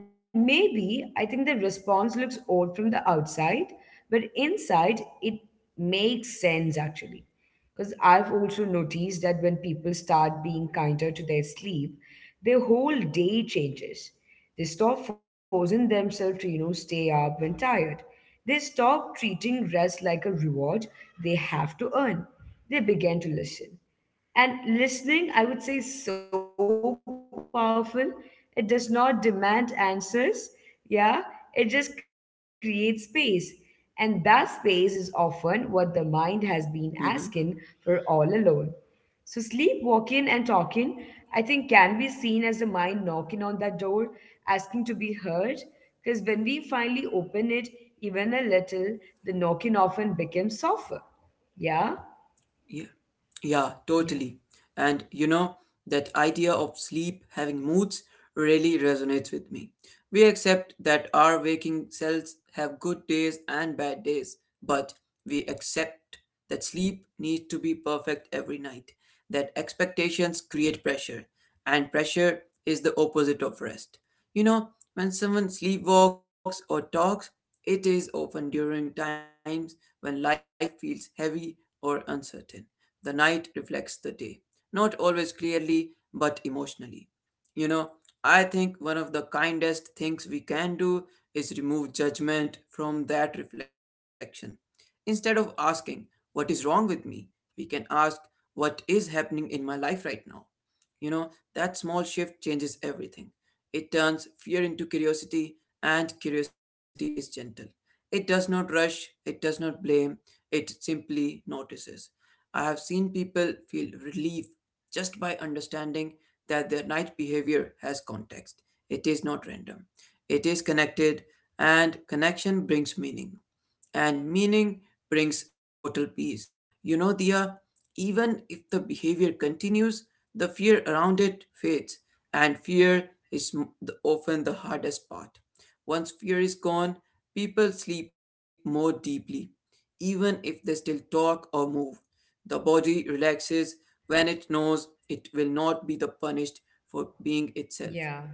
And maybe I think the response looks odd from the outside, but inside it makes sense actually. Because I've also noticed that when people start being kinder to their sleep, their whole day changes. They stop forcing themselves to, stay up when tired. They stop treating rest like a reward they have to earn. They begin to listen. And listening, I would say, is so powerful. It does not demand answers. Yeah, it just creates space. And that space is often what the mind has been asking for all Mm-hmm. alone. So sleepwalking and talking, I think, can be seen as the mind knocking on that door, asking to be heard. Because when we finally open it, even a little, the knocking often becomes softer. Yeah? Yeah. Yeah, Yeah. totally. And you know, that idea of sleep having moods really resonates with me. We accept that our waking cells have good days and bad days, but we accept that sleep needs to be perfect every night, that expectations create pressure, and pressure is the opposite of rest. You know, when someone sleepwalks or talks, it is often during times when life feels heavy or uncertain. The night reflects the day, not always clearly, but emotionally. You know, I think one of the kindest things we can do is remove judgment from that reflection. Instead of asking, "What is wrong with me?" we can ask, "What is happening in my life right now?" You know, that small shift changes everything. It turns fear into curiosity, and curiosity is gentle. It does not rush, it does not blame, it simply notices. I have seen people feel relief just by understanding that their night behavior has context. It is not random, it is connected, and connection brings meaning, and meaning brings total peace. You know, Dia, even if the behavior continues, the fear around it fades. And fear is often the hardest part. Once fear is gone, people sleep more deeply, even if they still talk or move. The body relaxes when it knows it will not be the punished for being itself. Yeah.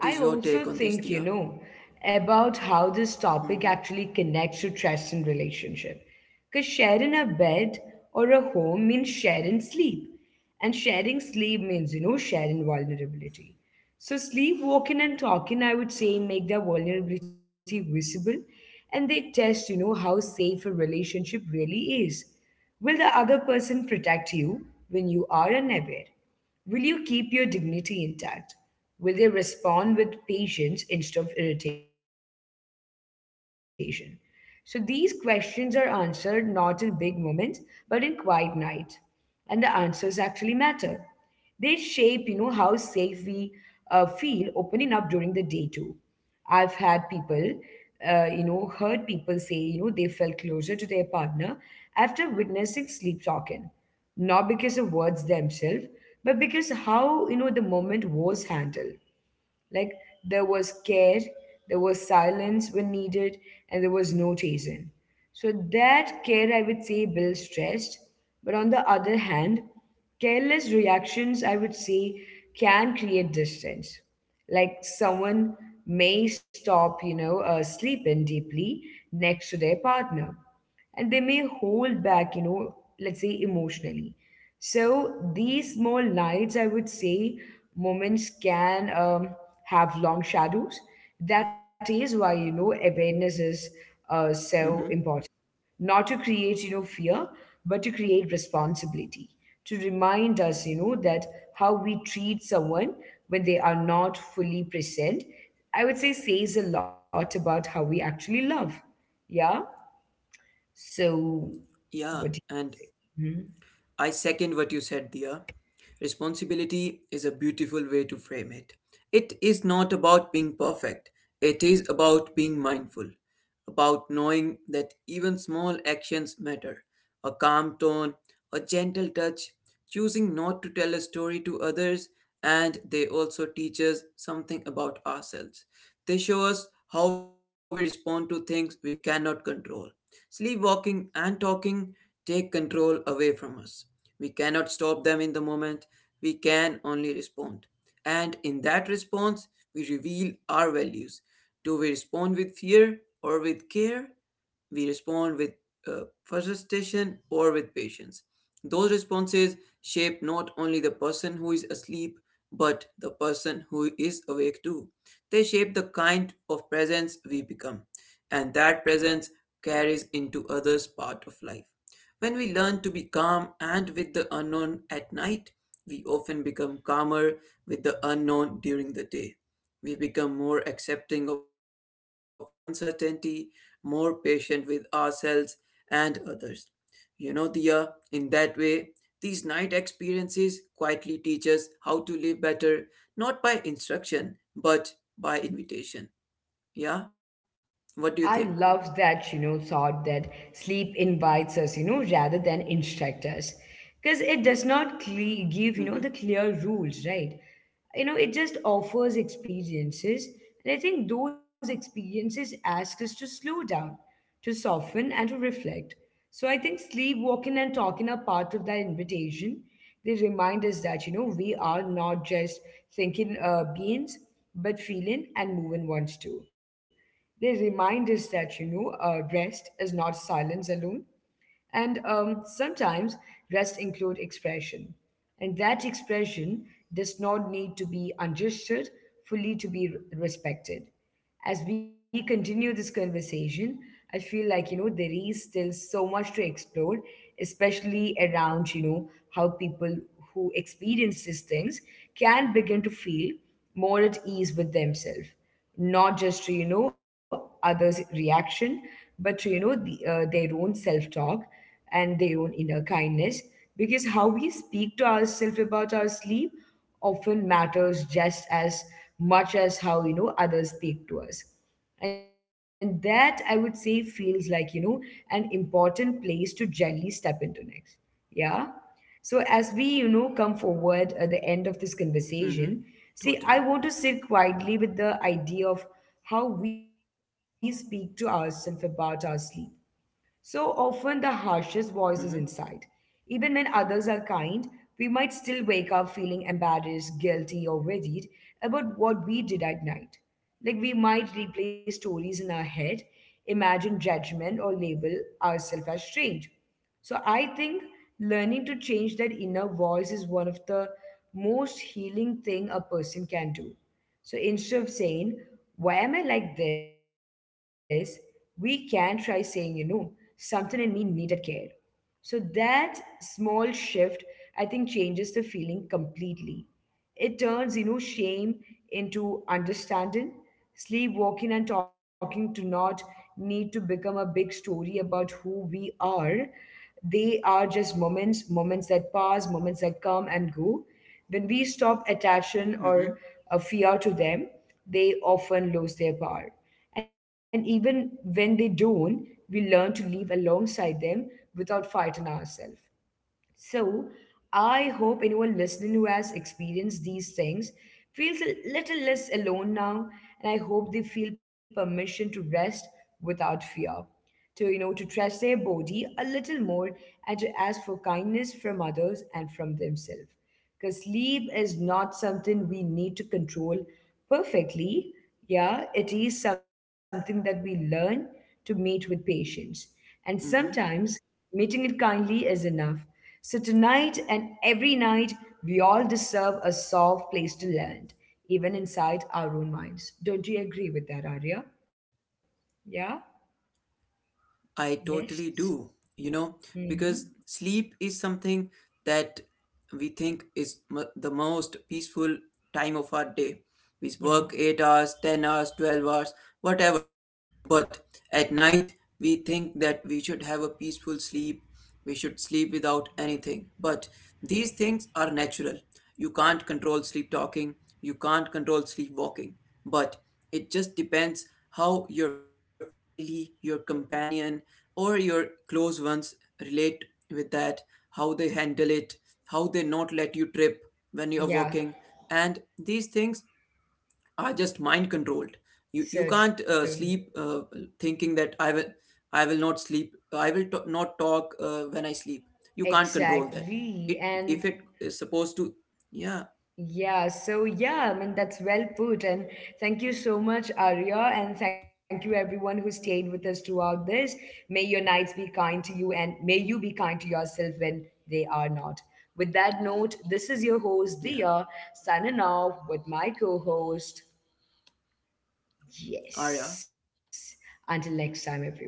What I is your also take on this, think, Dia? About how this topic Mm-hmm. actually connects to trust in relationship. Because sharing a bed or a home means sharing sleep. And sharing sleep means, sharing vulnerability. So sleep, walking and talking, I would say, make their vulnerability visible, and they test, how safe a relationship really is. Will the other person protect you when you are unaware? Will you keep your dignity intact? Will they respond with patience instead of irritation? So these questions are answered not in big moments, but in quiet night. And the answers actually matter. They shape, how safe we feel opening up during the day too. I've had people, heard people say, they felt closer to their partner after witnessing sleep talking, not because of words themselves, but because how, the moment was handled. Like there was care, there was silence when needed, and there was no chasing. So that care, I would say, builds stress. But on the other hand, careless reactions, I would say, can create distance. Like someone may stop, sleeping deeply next to their partner, and they may hold back, let's say emotionally. So these small nights, I would say, moments can have long shadows. That is why you know awareness is so Mm-hmm. important. Not to create you know fear, but to create responsibility. To remind us, that how we treat someone when they are not fully present, I would say says a lot about how we actually love. Yeah. So, Yeah, what? Do and you, Mhm. I second what you said, Dia. Responsibility is a beautiful way to frame it. It is not about being perfect, it is about being mindful about knowing that even small actions matter. A calm tone, a gentle touch, choosing not to tell a story to others, and they also teach us something about ourselves. They show us how we respond to things we cannot control. Sleepwalking and talking take control away from us. We cannot stop them in the moment, we can only respond. And in that response, we reveal our values. Do we respond with fear or with care? We respond with frustration or with patience. Those responses shape not only the person who is asleep, but the person who is awake too. They shape the kind of presence we become, and that presence carries into others' part of life. When we learn to be calm and with the unknown at night, we often become calmer with the unknown during the day. We become more accepting of uncertainty, more patient with ourselves and others. You know, Dia, in that way, these night experiences quietly teach us how to live better, not by instruction, but by invitation. Yeah? What do you I think? love that, thought that sleep invites us, rather than instruct us. Because it does not give, Mm the hmm. clear rules, right? You know, it just offers experiences. And I think those experiences ask us to slow down, to soften, and to reflect. So I think sleep, walking, and talking are part of that invitation. They remind us that, we are not just thinking beings, but feeling and moving ones too. They remind us that, rest is not silence alone. And sometimes rest include expression. And that expression does not need to be understood fully to be respected. As we continue this conversation, I feel like, there is still so much to explore, especially around, how people who experience these things can begin to feel more at ease with themselves, not just to you know others reaction, but to you know the, their own self talk and their own inner kindness, because how we speak to ourselves about our sleep often matters just as much as how you know others speak to us. And that I would say feels like you know an important place to gently step into next. Yeah. So as we, come forward at the end of this Mm hmm. conversation, see, Totally. I want to sit quietly with the idea of how we speak to ourselves about our sleep. So often the harshest voices Mm inside. hmm. Even when others are kind, we might still wake up feeling embarrassed, guilty, or worried about what we did at night. Like we might replay stories in our head, imagine judgment, or label ourselves as strange. So I think learning to change that inner voice is one of the most healing thing a person can do. So instead of saying, why am I like this? We can try saying, something in me needed care. So that small shift, I think, changes the feeling completely. It turns, shame into understanding. Sleepwalking and talking do not need to become a big story about who we are. They are just moments, moments that pass, moments that come and go. When we stop attaching or a Mm hmm. fear to them, they often lose their power. And even when they don't, we learn to live alongside them without fighting ourselves. So I hope anyone listening who has experienced these things feels a little less alone now, and I hope they feel permission to rest without fear, to to trust their body a little more and to ask for kindness from others and from themselves, because sleep is not something we need to control perfectly. Yeah, it is something that we learn to meet with patience. And sometimes Mm hmm. meeting it kindly is enough. So tonight and every night, we all deserve a soft place to land, even inside our own minds. Don't you agree with that, Arya? Yeah? I Yes. totally do, you know, Mm-hmm. because sleep is something that we think is the most peaceful time of our day. We Yeah. work 8 hours, 10 hours, 12 hours, whatever. But at night, we think that we should have a peaceful sleep. We should sleep without anything. But these things are natural. You can't control sleep talking. You can't control sleep walking. But it just depends how your family, your companion, or your close ones relate with that, how they handle it, how they not let you trip when you are Yeah, walking. And these things are just mind controlled. You so can't true. Sleep thinking that I will not sleep. I will not talk when I sleep. You can't control that. Exactly. It And if it is supposed to. Yeah, yeah, so yeah, I mean, that's well put. And thank you so much, Arya. And thank you, everyone who stayed with us throughout this. May your nights be kind to you, and may you be kind to yourself when they are not. With that note, this is your host, Dia, yeah. signing off with my co host. Yes. Arya. Until next time, everyone.